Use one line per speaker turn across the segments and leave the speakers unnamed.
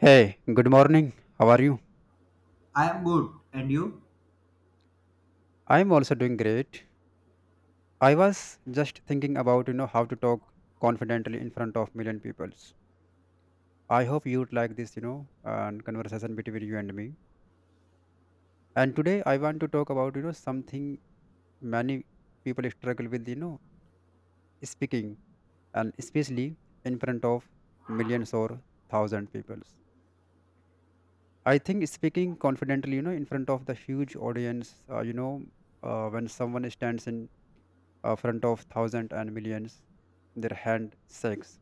Hey, good morning. How are you?
I am good. And you?
I'm also doing great. I was just thinking about, how to talk confidently in front of million peoples. I hope you'd like this conversation between you and me. And today I want to talk about something many people struggle with, speaking, and especially in front of millions or thousand peoples. I think speaking confidently, in front of the huge audience, when someone stands in front of thousands and millions. Their hand shakes.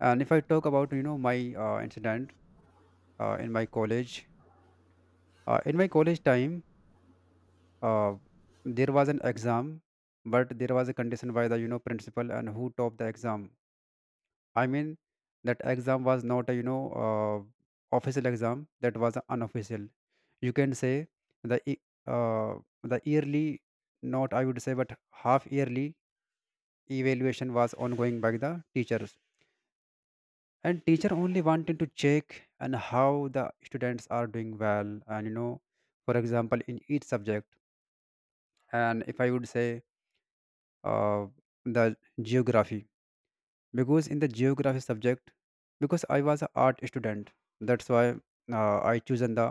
And if I talk about my incident uh, in my college, in my college time, uh, there was an exam, but there was a condition by the principal and who topped the exam. I mean, that exam was not a uh, official exam. That was unofficial. You can say the e- uh, the yearly, not I would say, but half yearly evaluation was ongoing by the teachers, and teacher only wanted to check and how the students are doing well. And for example, in each subject. And if I would say, uh, the geography, because in the geography subject, because I was an art student, that's why I chosen the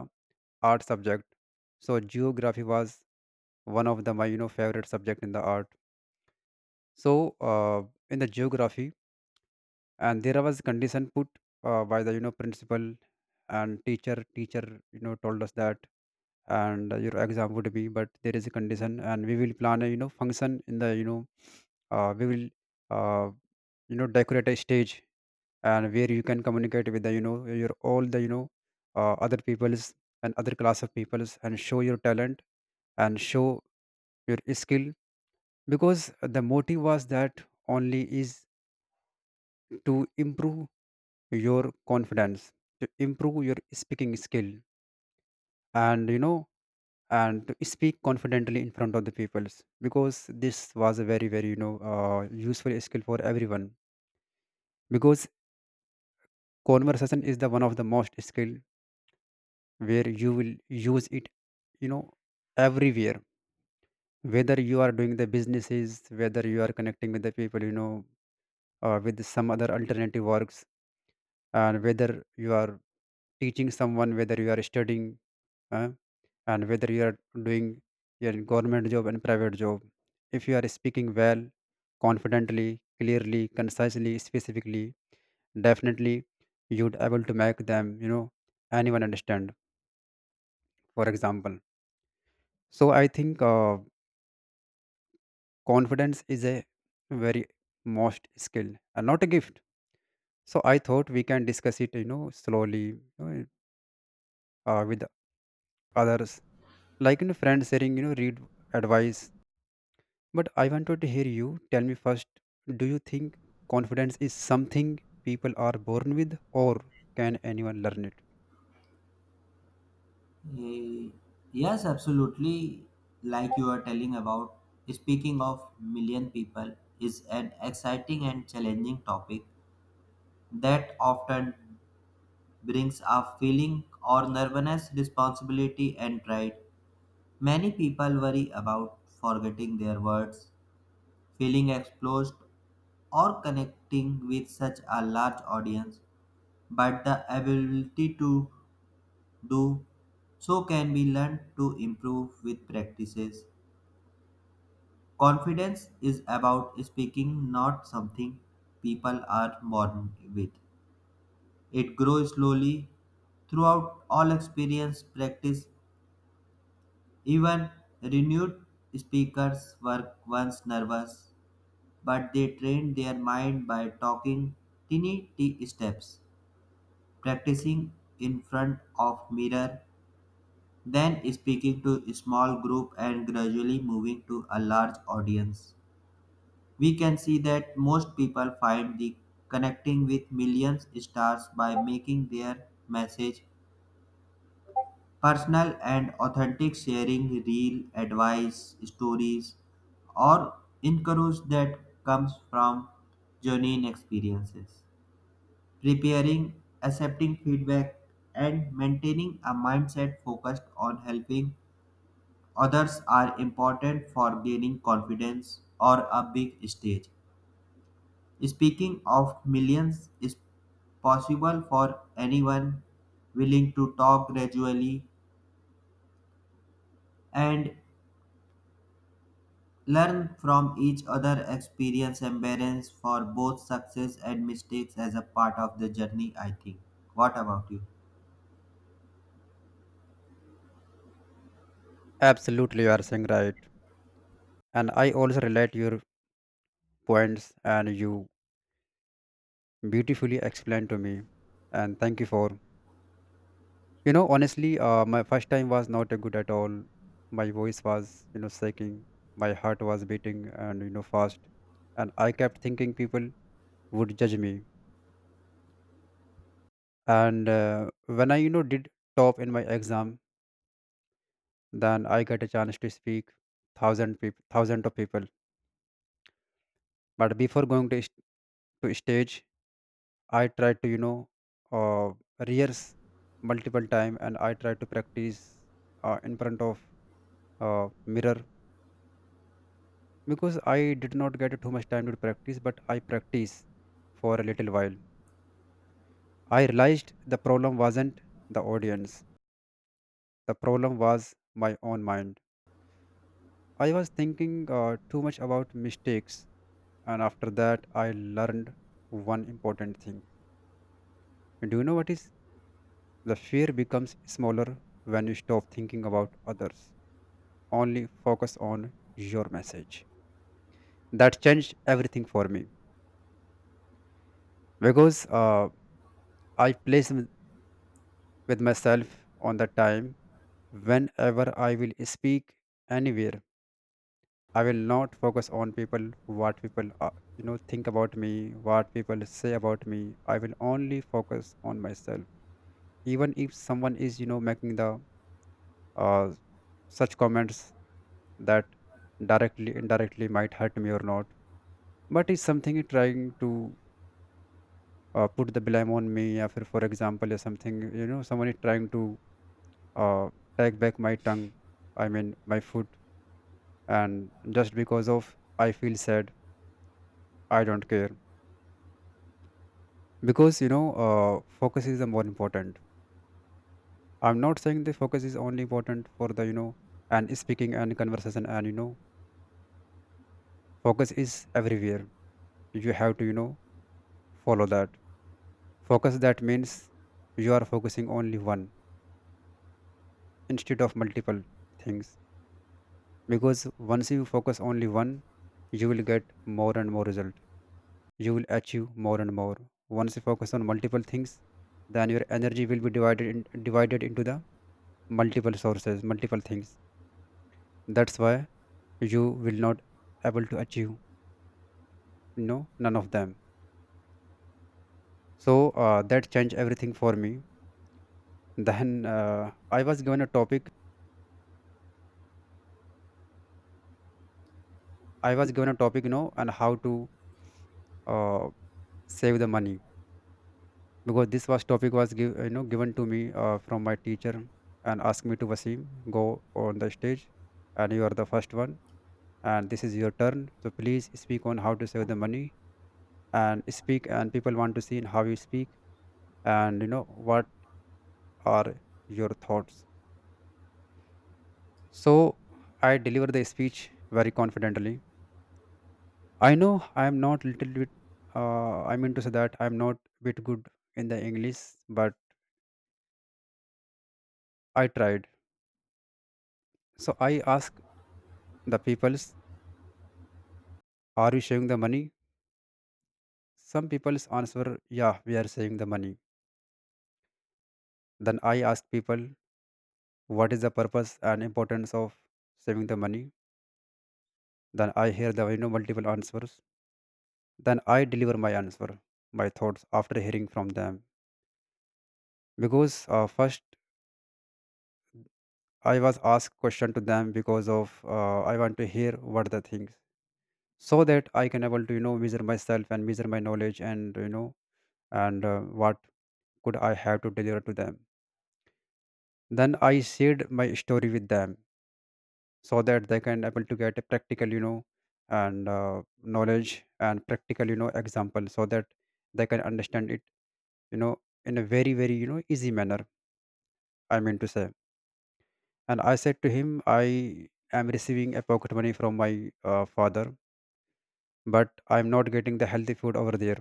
art subject. So geography was one of the my favorite subject in the art. So in the geography, and there was condition put by the principal, and teacher told us that, and your exam would be, but there is a condition, and we will plan a function in the we will uh, decorate a stage, and where you can communicate with the your all the other peoples and other class of peoples, and show your talent and show your skill, because the motive was that only is to improve your confidence, to improve your speaking skill, and and to speak confidently in front of the peoples, because this was a very very useful skill for everyone, because conversation is the one of the most skill where you will use it, you know everywhere, whether you are doing the businesses, whether you are connecting with the people, with some other alternative works, and whether you are teaching someone, whether you are studying, uh, and whether you are doing your government job and private job. If you are speaking well, confidently, clearly, concisely, specifically, definitely, you would able to make them you know anyone understand, for example. So I think confidence is a very most skill and not a gift. So I thought we can discuss it, slowly, know, with others, like friends sharing, read advice. But I wanted to hear you. Tell me first, do you think confidence is something people are born with, or can anyone learn it?
Eh, Yes, absolutely. Like you are telling about, speaking of million people is an exciting and challenging topic that often brings up feeling or nervousness, responsibility, and pride. Many people worry about forgetting their words, feeling exposed, or connecting with such a large audience, but the ability to do so can be learned to improve with practices. Confidence is about speaking, not something people are born with. It grows slowly throughout all experience, practice, even renewed speakers were once nervous, but they trained their mind by talking tiny t steps, practicing in front of mirror, then speaking to a small group and gradually moving to a large audience. We can see that most people find the connecting with millions stars by making their message personal and authentic, sharing real advice, stories, or encourage that comes from genuine experiences. Preparing, accepting feedback, and maintaining a mindset focused on helping others are important for gaining confidence or a big stage. Speaking of millions is possible for anyone willing to talk gradually and learn from each other experience embarrass for both success and mistakes as a part of the journey. I think what about you?
Absolutely, you are saying right, and I also relate your points, and you beautifully explained to me, and thank you for honestly. My first time was not good at all. My voice was shaking, my heart was beating and fast, and I kept thinking people would judge me. And when I did top in my exam, then I got a chance to speak thousand of people. But before going to stage, I tried to uh, rehearse multiple time, and I tried to practice in front of mirror, because I did not get too much time to practice, but I practice for a little while. I realized the problem wasn't the audience. The problem was my own mind. I was thinking too much about mistakes, and after that, I learned one important thing. Do you know what is? The fear becomes smaller when you stop thinking about others, only focus on your message. That changed everything for me, because I place with myself on the time whenever I will speak anywhere. I will not focus on people, what people, think about me, what people say about me. I will only focus on myself. Even if someone is, making the uh, such comments that directly, indirectly might hurt me or not, but is something is trying to put the blame on me. Or for example, is something, someone is trying to uh, take back my tongue, I mean, my foot, and just because of I feel sad, I don't care, because focus is the more important. I'm not saying the focus is only important for the and speaking and conversation, and focus is everywhere. You have to follow that focus. That means you are focusing only one instead of multiple things, because once you focus only one, you will get more and more result. You will achieve more and more. Once you focus on multiple things, then your energy will be divided into the multiple sources, multiple things. That's why you will not able to achieve no none of them. So that changed everything for me. Then I was given a topic I was given a topic, and how to uh, save the money, because this was topic was given to me from my teacher, and asked me to Vasim go on the stage. And you are the first one, and this is your turn, so please speak on how to save the money and speak, and people want to see how you speak and you know what are your thoughts. So I deliver the speech very confidently. I know I am not little bit. I mean to say that I am not bit good in the English, but I tried. So I ask the peoples, "Are you saving the money?" Some peoples answer, "Yeah, we are saving the money." Then I ask people, "What is the purpose and importance of saving the money?" Then I hear the multiple answers. Then I deliver my answer, my thoughts after hearing from them, because first I was asked question to them, because of I want to hear what the things, so that I can able to measure myself and measure my knowledge, and what could I have to deliver to them. Then I shared my story with them, so that they can able to get a practical you know and knowledge, and practical example, so that they can understand it, you know in a very very easy manner. I mean to say. And I said to him, I am receiving a pocket money from my father, but I'm not getting the healthy food over there.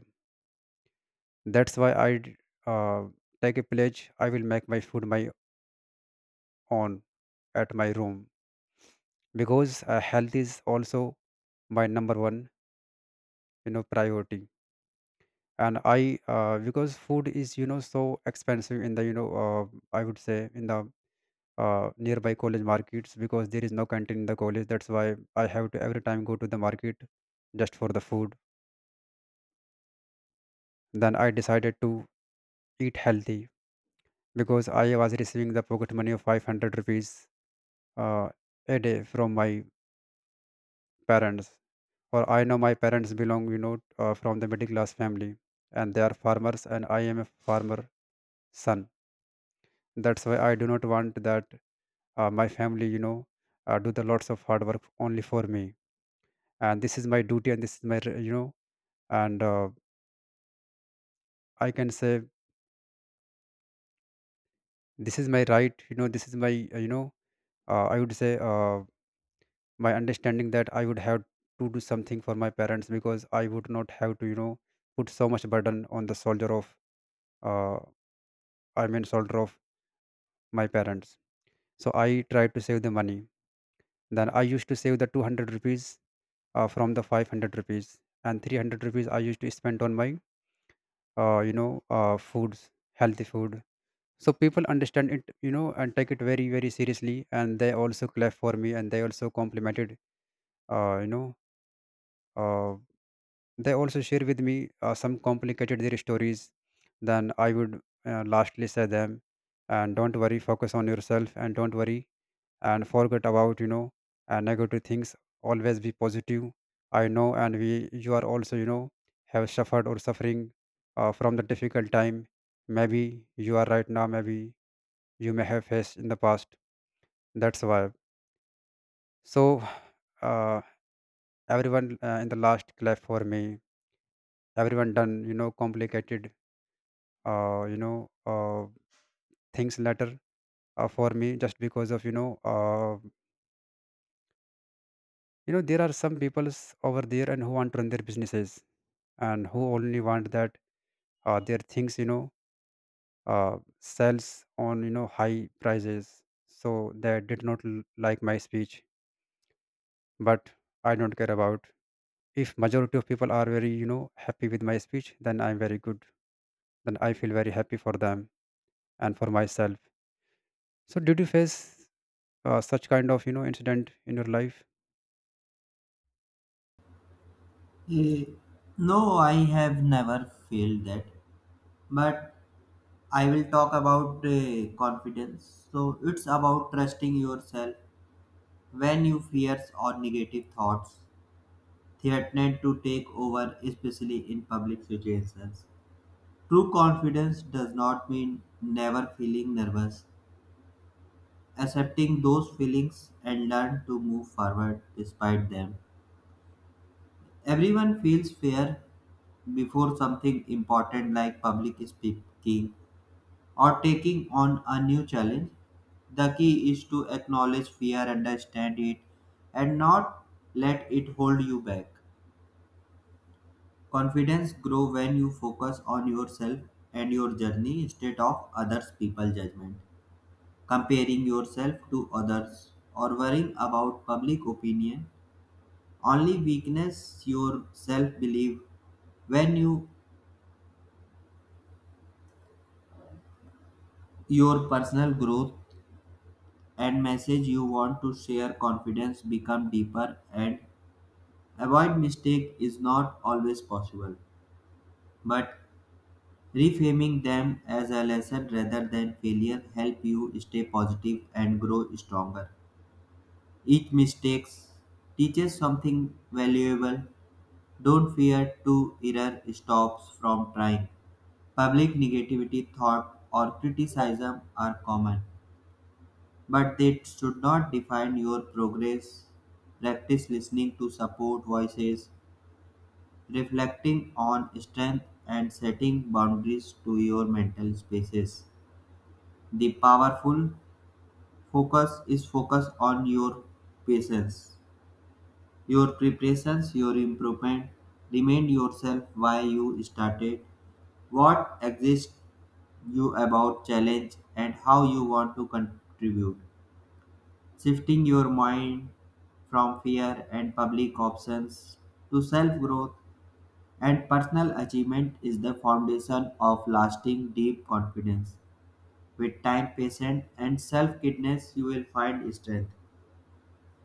That's why I uh, take a pledge, I will make my food my own at my room. Because health is also my number one priority. And I, because food is, you know so expensive in the I would say, in the nearby college markets, because there is no canteen in the college, that's why I have to every time go to the market, just for the food. Then I decided to eat healthy, because I was receiving the pocket money of 500 rupees uh, a day from my parents. For I know my parents belong, from the middle class family, and they are farmers, and I am a farmer son. That's why I do not want that my family, do the lots of hard work only for me. And this is my duty, and this is my, r- you know, and I can say, this is my right, you know, this is my, you know, I would say. By understanding that, I would have to do something for my parents, because I would not have to, put so much burden on the soldier of, uh, I mean, soldier of my parents. So I tried to save the money. Then I used to save the 200 rupees from the 500 rupees, and 300 rupees I used to spend on my, foods, healthy food. So people understand it, and take it very, very seriously. And they also clap for me, and they also complimented, uh, you know, Uh, they also share with me some complicated their stories. Then I would lastly say them, and don't worry, focus on yourself, and don't worry, and forget about negative things. Always be positive. I know, and we you are also have suffered or suffering from the difficult time. Maybe you are right now. Maybe you may have faced in the past. That's why. So, uh, Everyone in the last clap for me. Everyone done, complicated, uh, you know uh, things later, for me, just because of, there are some peoples over there and who want to run their businesses, and who only want that their things, sells on high prices. So they did not like my speech. But I don't care about. If majority of people are very happy with my speech, then I'm very good. Then I feel very happy for them and for myself. So did you face such kind of, incident in your life?
Eh, no, I have never felt that, but I will talk about confidence. So it's about trusting yourself when you fears or negative thoughts threaten to take over, especially in public situations. True confidence does not mean never feeling nervous. Accepting those feelings and learn to move forward despite them. Everyone feels fear before something important like public speaking or taking on a new challenge. The key is to acknowledge fear, understand it, and not let it hold you back. Confidence grows when you focus on yourself and your journey instead of others people's judgment. Comparing yourself to others or worrying about public opinion only weakness your self belief when you your personal growth and message you want to share confidence become deeper. And avoid mistake is not always possible, but reframing them as a lesson rather than failure help you stay positive and grow stronger. Each mistake teaches something valuable. Don't fear to error stops from trying. Public negativity thought or criticism are common, but they should not define your progress. Practice listening to support voices, reflecting on strength and setting boundaries to your mental spaces. The powerful focus is focus on your patience, your preparations, your improvement. Remind yourself why you started, what exists you about challenge, and how you want to contribute. Shifting your mind from fear and public options to self growth and personal achievement is the foundation of lasting deep confidence. With time, patience, and self kindness, you will find strength.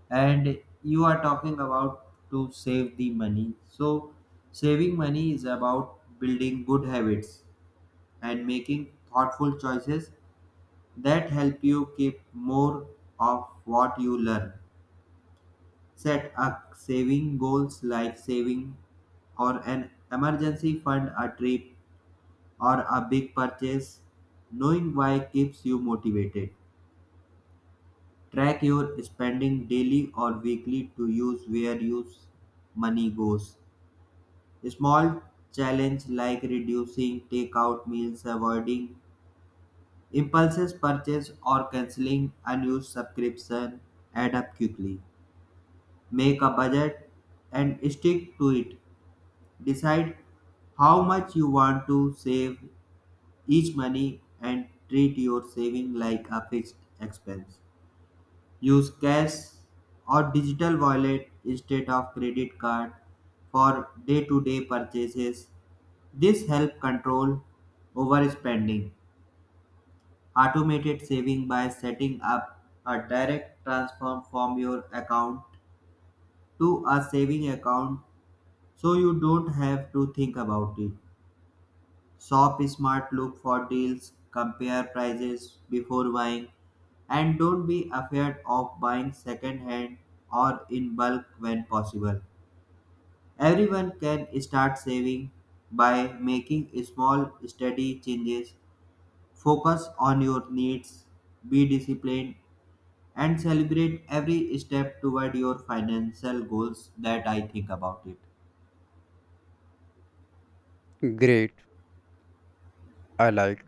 And you are talking about to save the money. So, saving money is about building good habits and making thoughtful choices that help you keep more of what you learn. Set up saving goals like saving or an emergency fund, a trip, or a big purchase, knowing why keeps you motivated. Track your spending daily or weekly to use where your money goes. Small challenge like reducing takeout meals, avoiding impulses purchase or canceling unused subscription add up quickly. Make a budget and stick to it. Decide how much you want to save each money and treat your saving like a fixed expense. Use cash or digital wallet instead of credit card for day-to-day purchases. This helps control overspending. Automated saving by setting up a direct transfer from your account to a saving account so you don't have to think about it. Shop smart, look for deals, compare prices before buying, and don't be afraid of buying second hand or in bulk when possible. Everyone can start saving by making small, steady changes. Focus on your needs, be disciplined, and celebrate every step toward your financial goals. That I think about it.
Great. I like,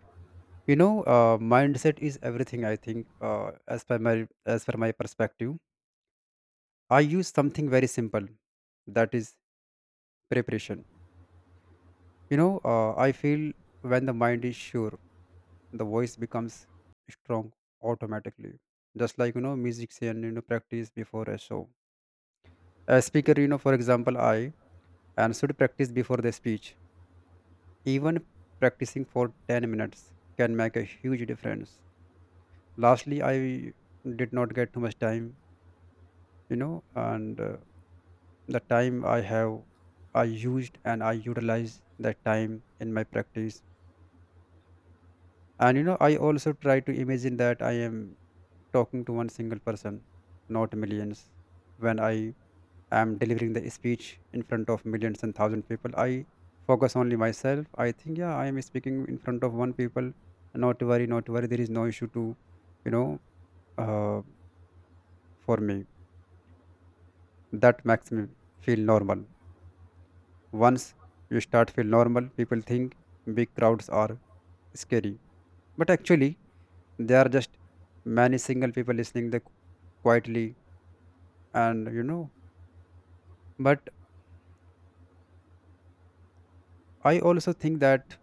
mindset is everything, I think. As per my as per my perspective, I use something very simple, that is preparation. I feel when the mind is sure, the voice becomes strong automatically. Just like, musician, practice before a show. A speaker, for example, I and should practice before the speech. Even practicing for 10 minutes can make a huge difference. Lastly, I did not get too much time, you know and the time I have, I used, and I utilize that time in my practice. And, I also try to imagine that I am talking to one single person, not millions. When I am delivering the speech in front of millions and thousand people, I focus only myself. I think, yeah, I am speaking in front of one people. Not to worry, not to worry, there is no issue to, you know uh, for me. That makes me feel normal. Once you start feel normal, people think big crowds are scary. But actually, they are just many single people listening the quietly, and. But I also think that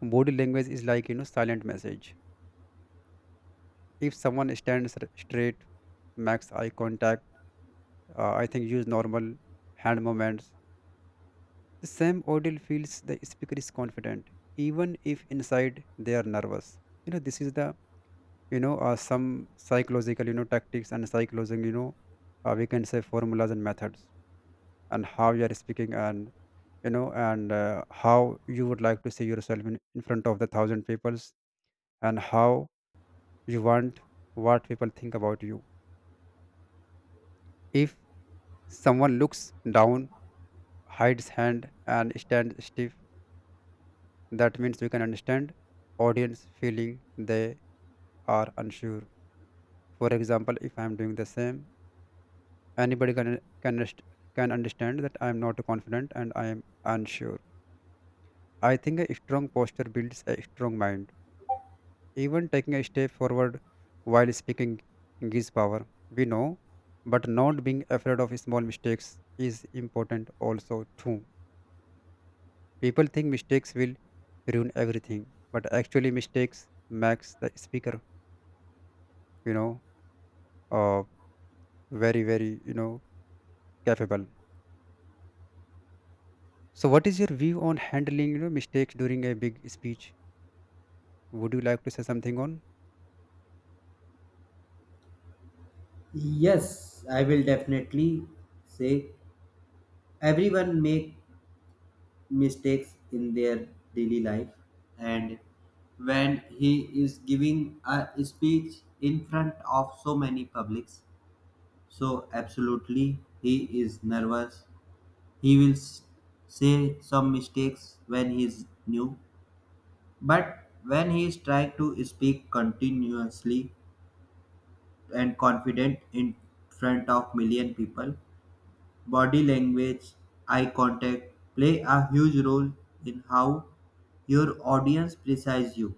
body language is like, silent message. If someone stands straight, makes eye contact, I think use normal hand movements. The same audible feels the speaker is confident, even if inside they are nervous. This is the, some psychological, tactics and psychological, we can say formulas and methods, and how you are speaking, and, how you would like to see yourself in front of the thousand peoples, and how you want what people think about you. If someone looks down, hides hand, and stands stiff, that means we can understand audience feeling. They are unsure. For example, if I am doing the same, anybody can rest- can understand that I am not confident and I am unsure. I think a strong posture builds a strong mind. Even taking a step forward while speaking gives power. We know, but not being afraid of small mistakes is important also too. People think mistakes will ruin everything, but actually mistakes makes the speaker, you know, uh, very very, capable. So, what is your view on handling, mistakes during a big speech? Would you like to say something on?
Yes, I will definitely say everyone make mistakes in their daily life, and when he is giving a speech in front of so many publics, so absolutely he is nervous. He will say some mistakes when he is new, but when he is trying to speak continuously and confident in front of million people. Body language, eye contact play a huge role in how your audience perceives you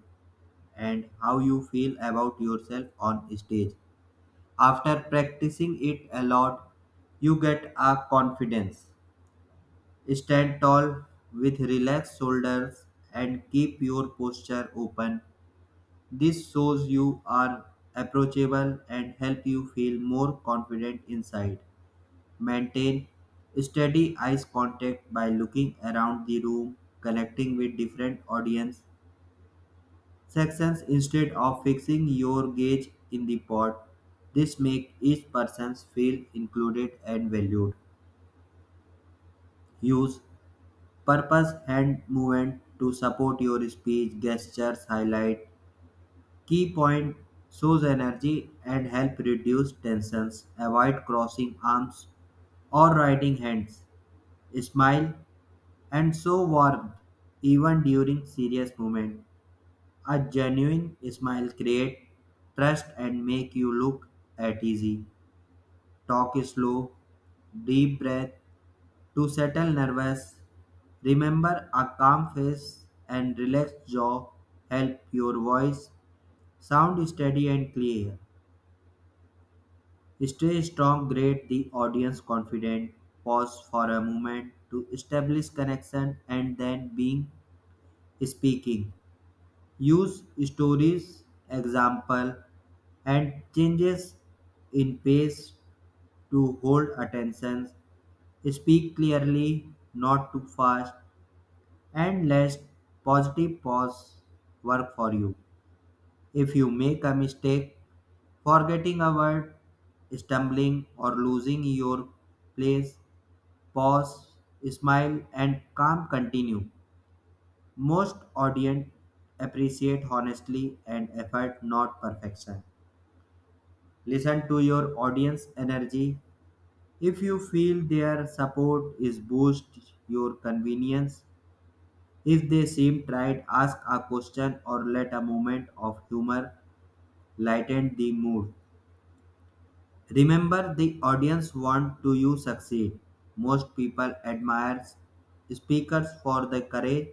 and how you feel about yourself on stage. After practicing it a lot, you get a confidence. Stand tall with relaxed shoulders and keep your posture open. This shows you are approachable and help you feel more confident inside. Maintain steady eye contact by looking around the room, connecting with different audience sections instead of fixing your gaze in the pot. This makes each person feel included and valued. Use purpose hand movement to support your speech, gestures, highlight key point shows energy and help reduce tensions. Avoid crossing arms or writing hands. Smile and so warm, even during serious moments. A genuine smile creates trust and make you look at easy. Talk slow, deep breath to settle nervous. Remember a calm face and relaxed jaw help your voice sound steady and clear. Stay strong, grade the audience confident. Pause for a moment to establish connection and then being speaking. Use stories, example, and changes in pace to hold attention. Speak clearly, not too fast, and let positive pause work for you. If you make a mistake, forgetting a word, stumbling, or losing your place, pause, smile, and calm continue. Most audience appreciate honestly and effort, not perfection. Listen to your audience energy. If you feel their support is boost your convenience, if they seem tried, ask a question or let a moment of humor lighten the mood. Remember the audience want to you succeed. Most people admires speakers for the courage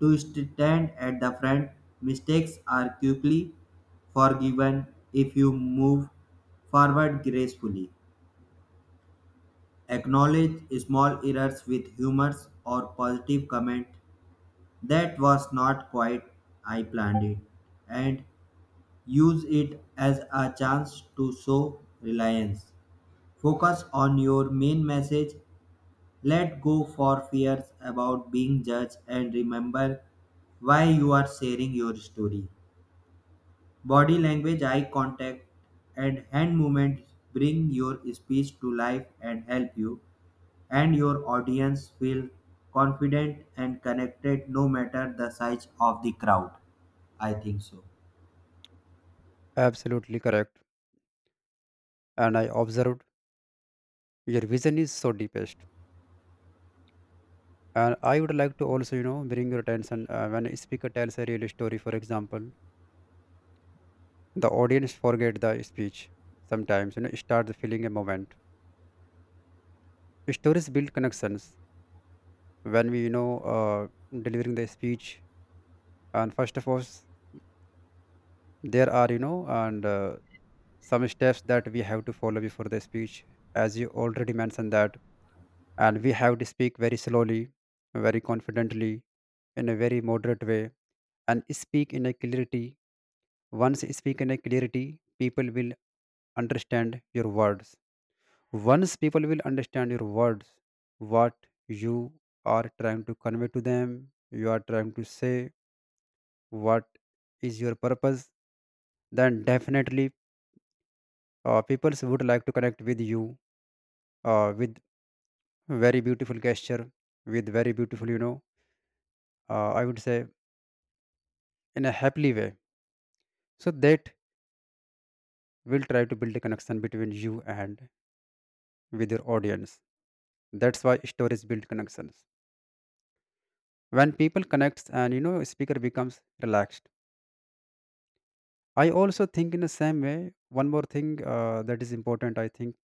to stand at the front. Mistakes are quickly forgiven if you move forward gracefully. Acknowledge small errors with humor or positive comment that was not quite I planned it and use it as a chance to show reliance. Focus on your main message, let go for fears about being judged and remember why you are sharing your story. Body language, eye contact, and hand movements bring your speech to life and help you and your audience feel confident and connected no matter the size of the crowd. I think so.
Absolutely correct. And I observed your vision is so deepest. And I would like to also, bring your attention, when a speaker tells a real story, for example, the audience forget the speech sometimes, start feeling a moment. Stories build connections when we, delivering the speech. And first of all, there are, you know, and some steps that we have to follow before the speech. As you already mentioned that, and we have to speak very slowly, very confidently, in a very moderate way, and speak in a clarity. Once you speak in a clarity, people will understand your words. Once people will understand your words, what you are trying to convey to them, you are trying to say, what is your purpose, then definitely, people would like to connect with you, with very beautiful gesture, with very beautiful, I would say, in a happily way. So that will try to build a connection between you and with your audience. That's why stories build connections. When people connects and, speaker becomes relaxed. I also think in the same way. One more thing, that is important, I think,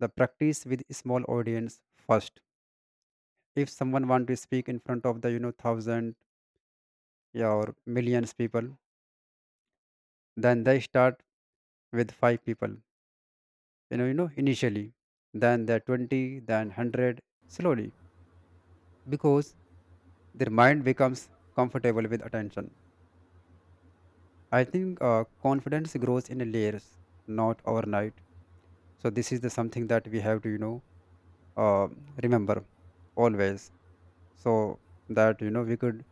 the practice with small audience first. If someone want to speak in front of the, thousand, yeah, or millions people, then they start with five people. Initially, then the 20, then 100, slowly, because their mind becomes comfortable with attention. I think, confidence grows in layers, not overnight. So this is the something that we have to, uh, remember always, so that, we could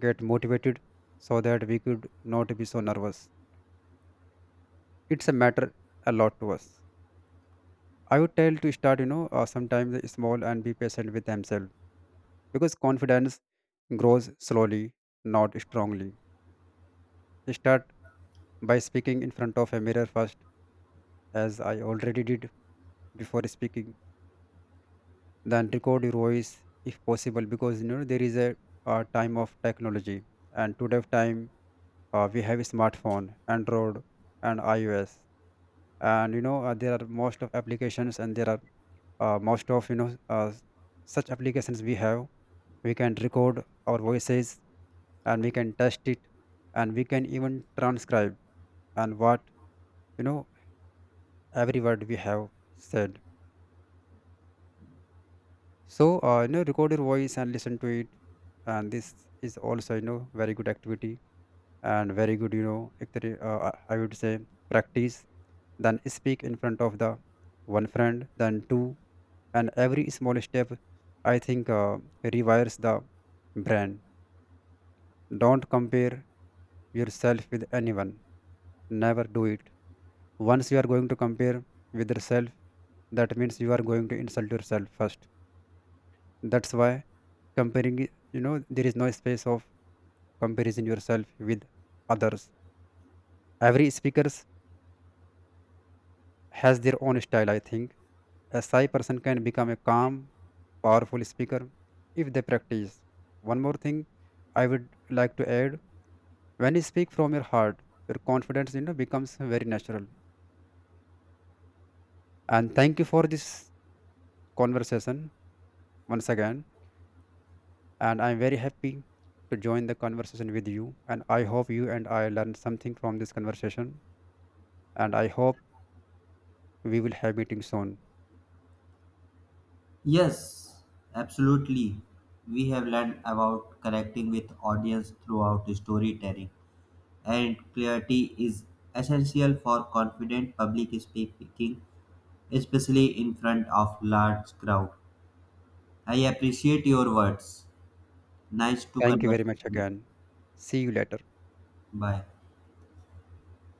get motivated, so that we could not be so nervous. It's a matter a lot to us. I would tell to start, sometimes small and be patient with themselves, because confidence grows slowly, not strongly. Start by speaking in front of a mirror first, as I already did before speaking. Then record your voice if possible, because, there is a, time of technology, and today time, we have a smartphone, Android, and iOS, and, there are most of applications, and there are, most of, such applications we have. We can record our voices, and we can test it, and we can even transcribe and what, you know every word we have said. So, record your voice and listen to it, and this is also, very good activity, and very good, I would say, practice. Then speak in front of the one friend, then two, and every small step, I think, rewires the brain. Don't compare yourself with anyone. Never do it. Once you are going to compare with yourself, that means you are going to insult yourself first. That's why, comparing, there is no space of comparison yourself with others. Every speaker has their own style, I think. A shy person can become a calm, powerful speaker if they practice. One more thing I would like to add, when you speak from your heart, your confidence, becomes very natural. And thank you for this conversation once again. And I'm very happy to join the conversation with you. And I hope you and I learned something from this conversation. And I hope we will have meeting soon.
Yes, absolutely. We have learned about connecting with audience throughout storytelling and clarity is essential for confident public speaking, especially in front of large crowd. I appreciate your words. Nice to
Thank you very
conversation
much
with you.
again. See you later.
Bye.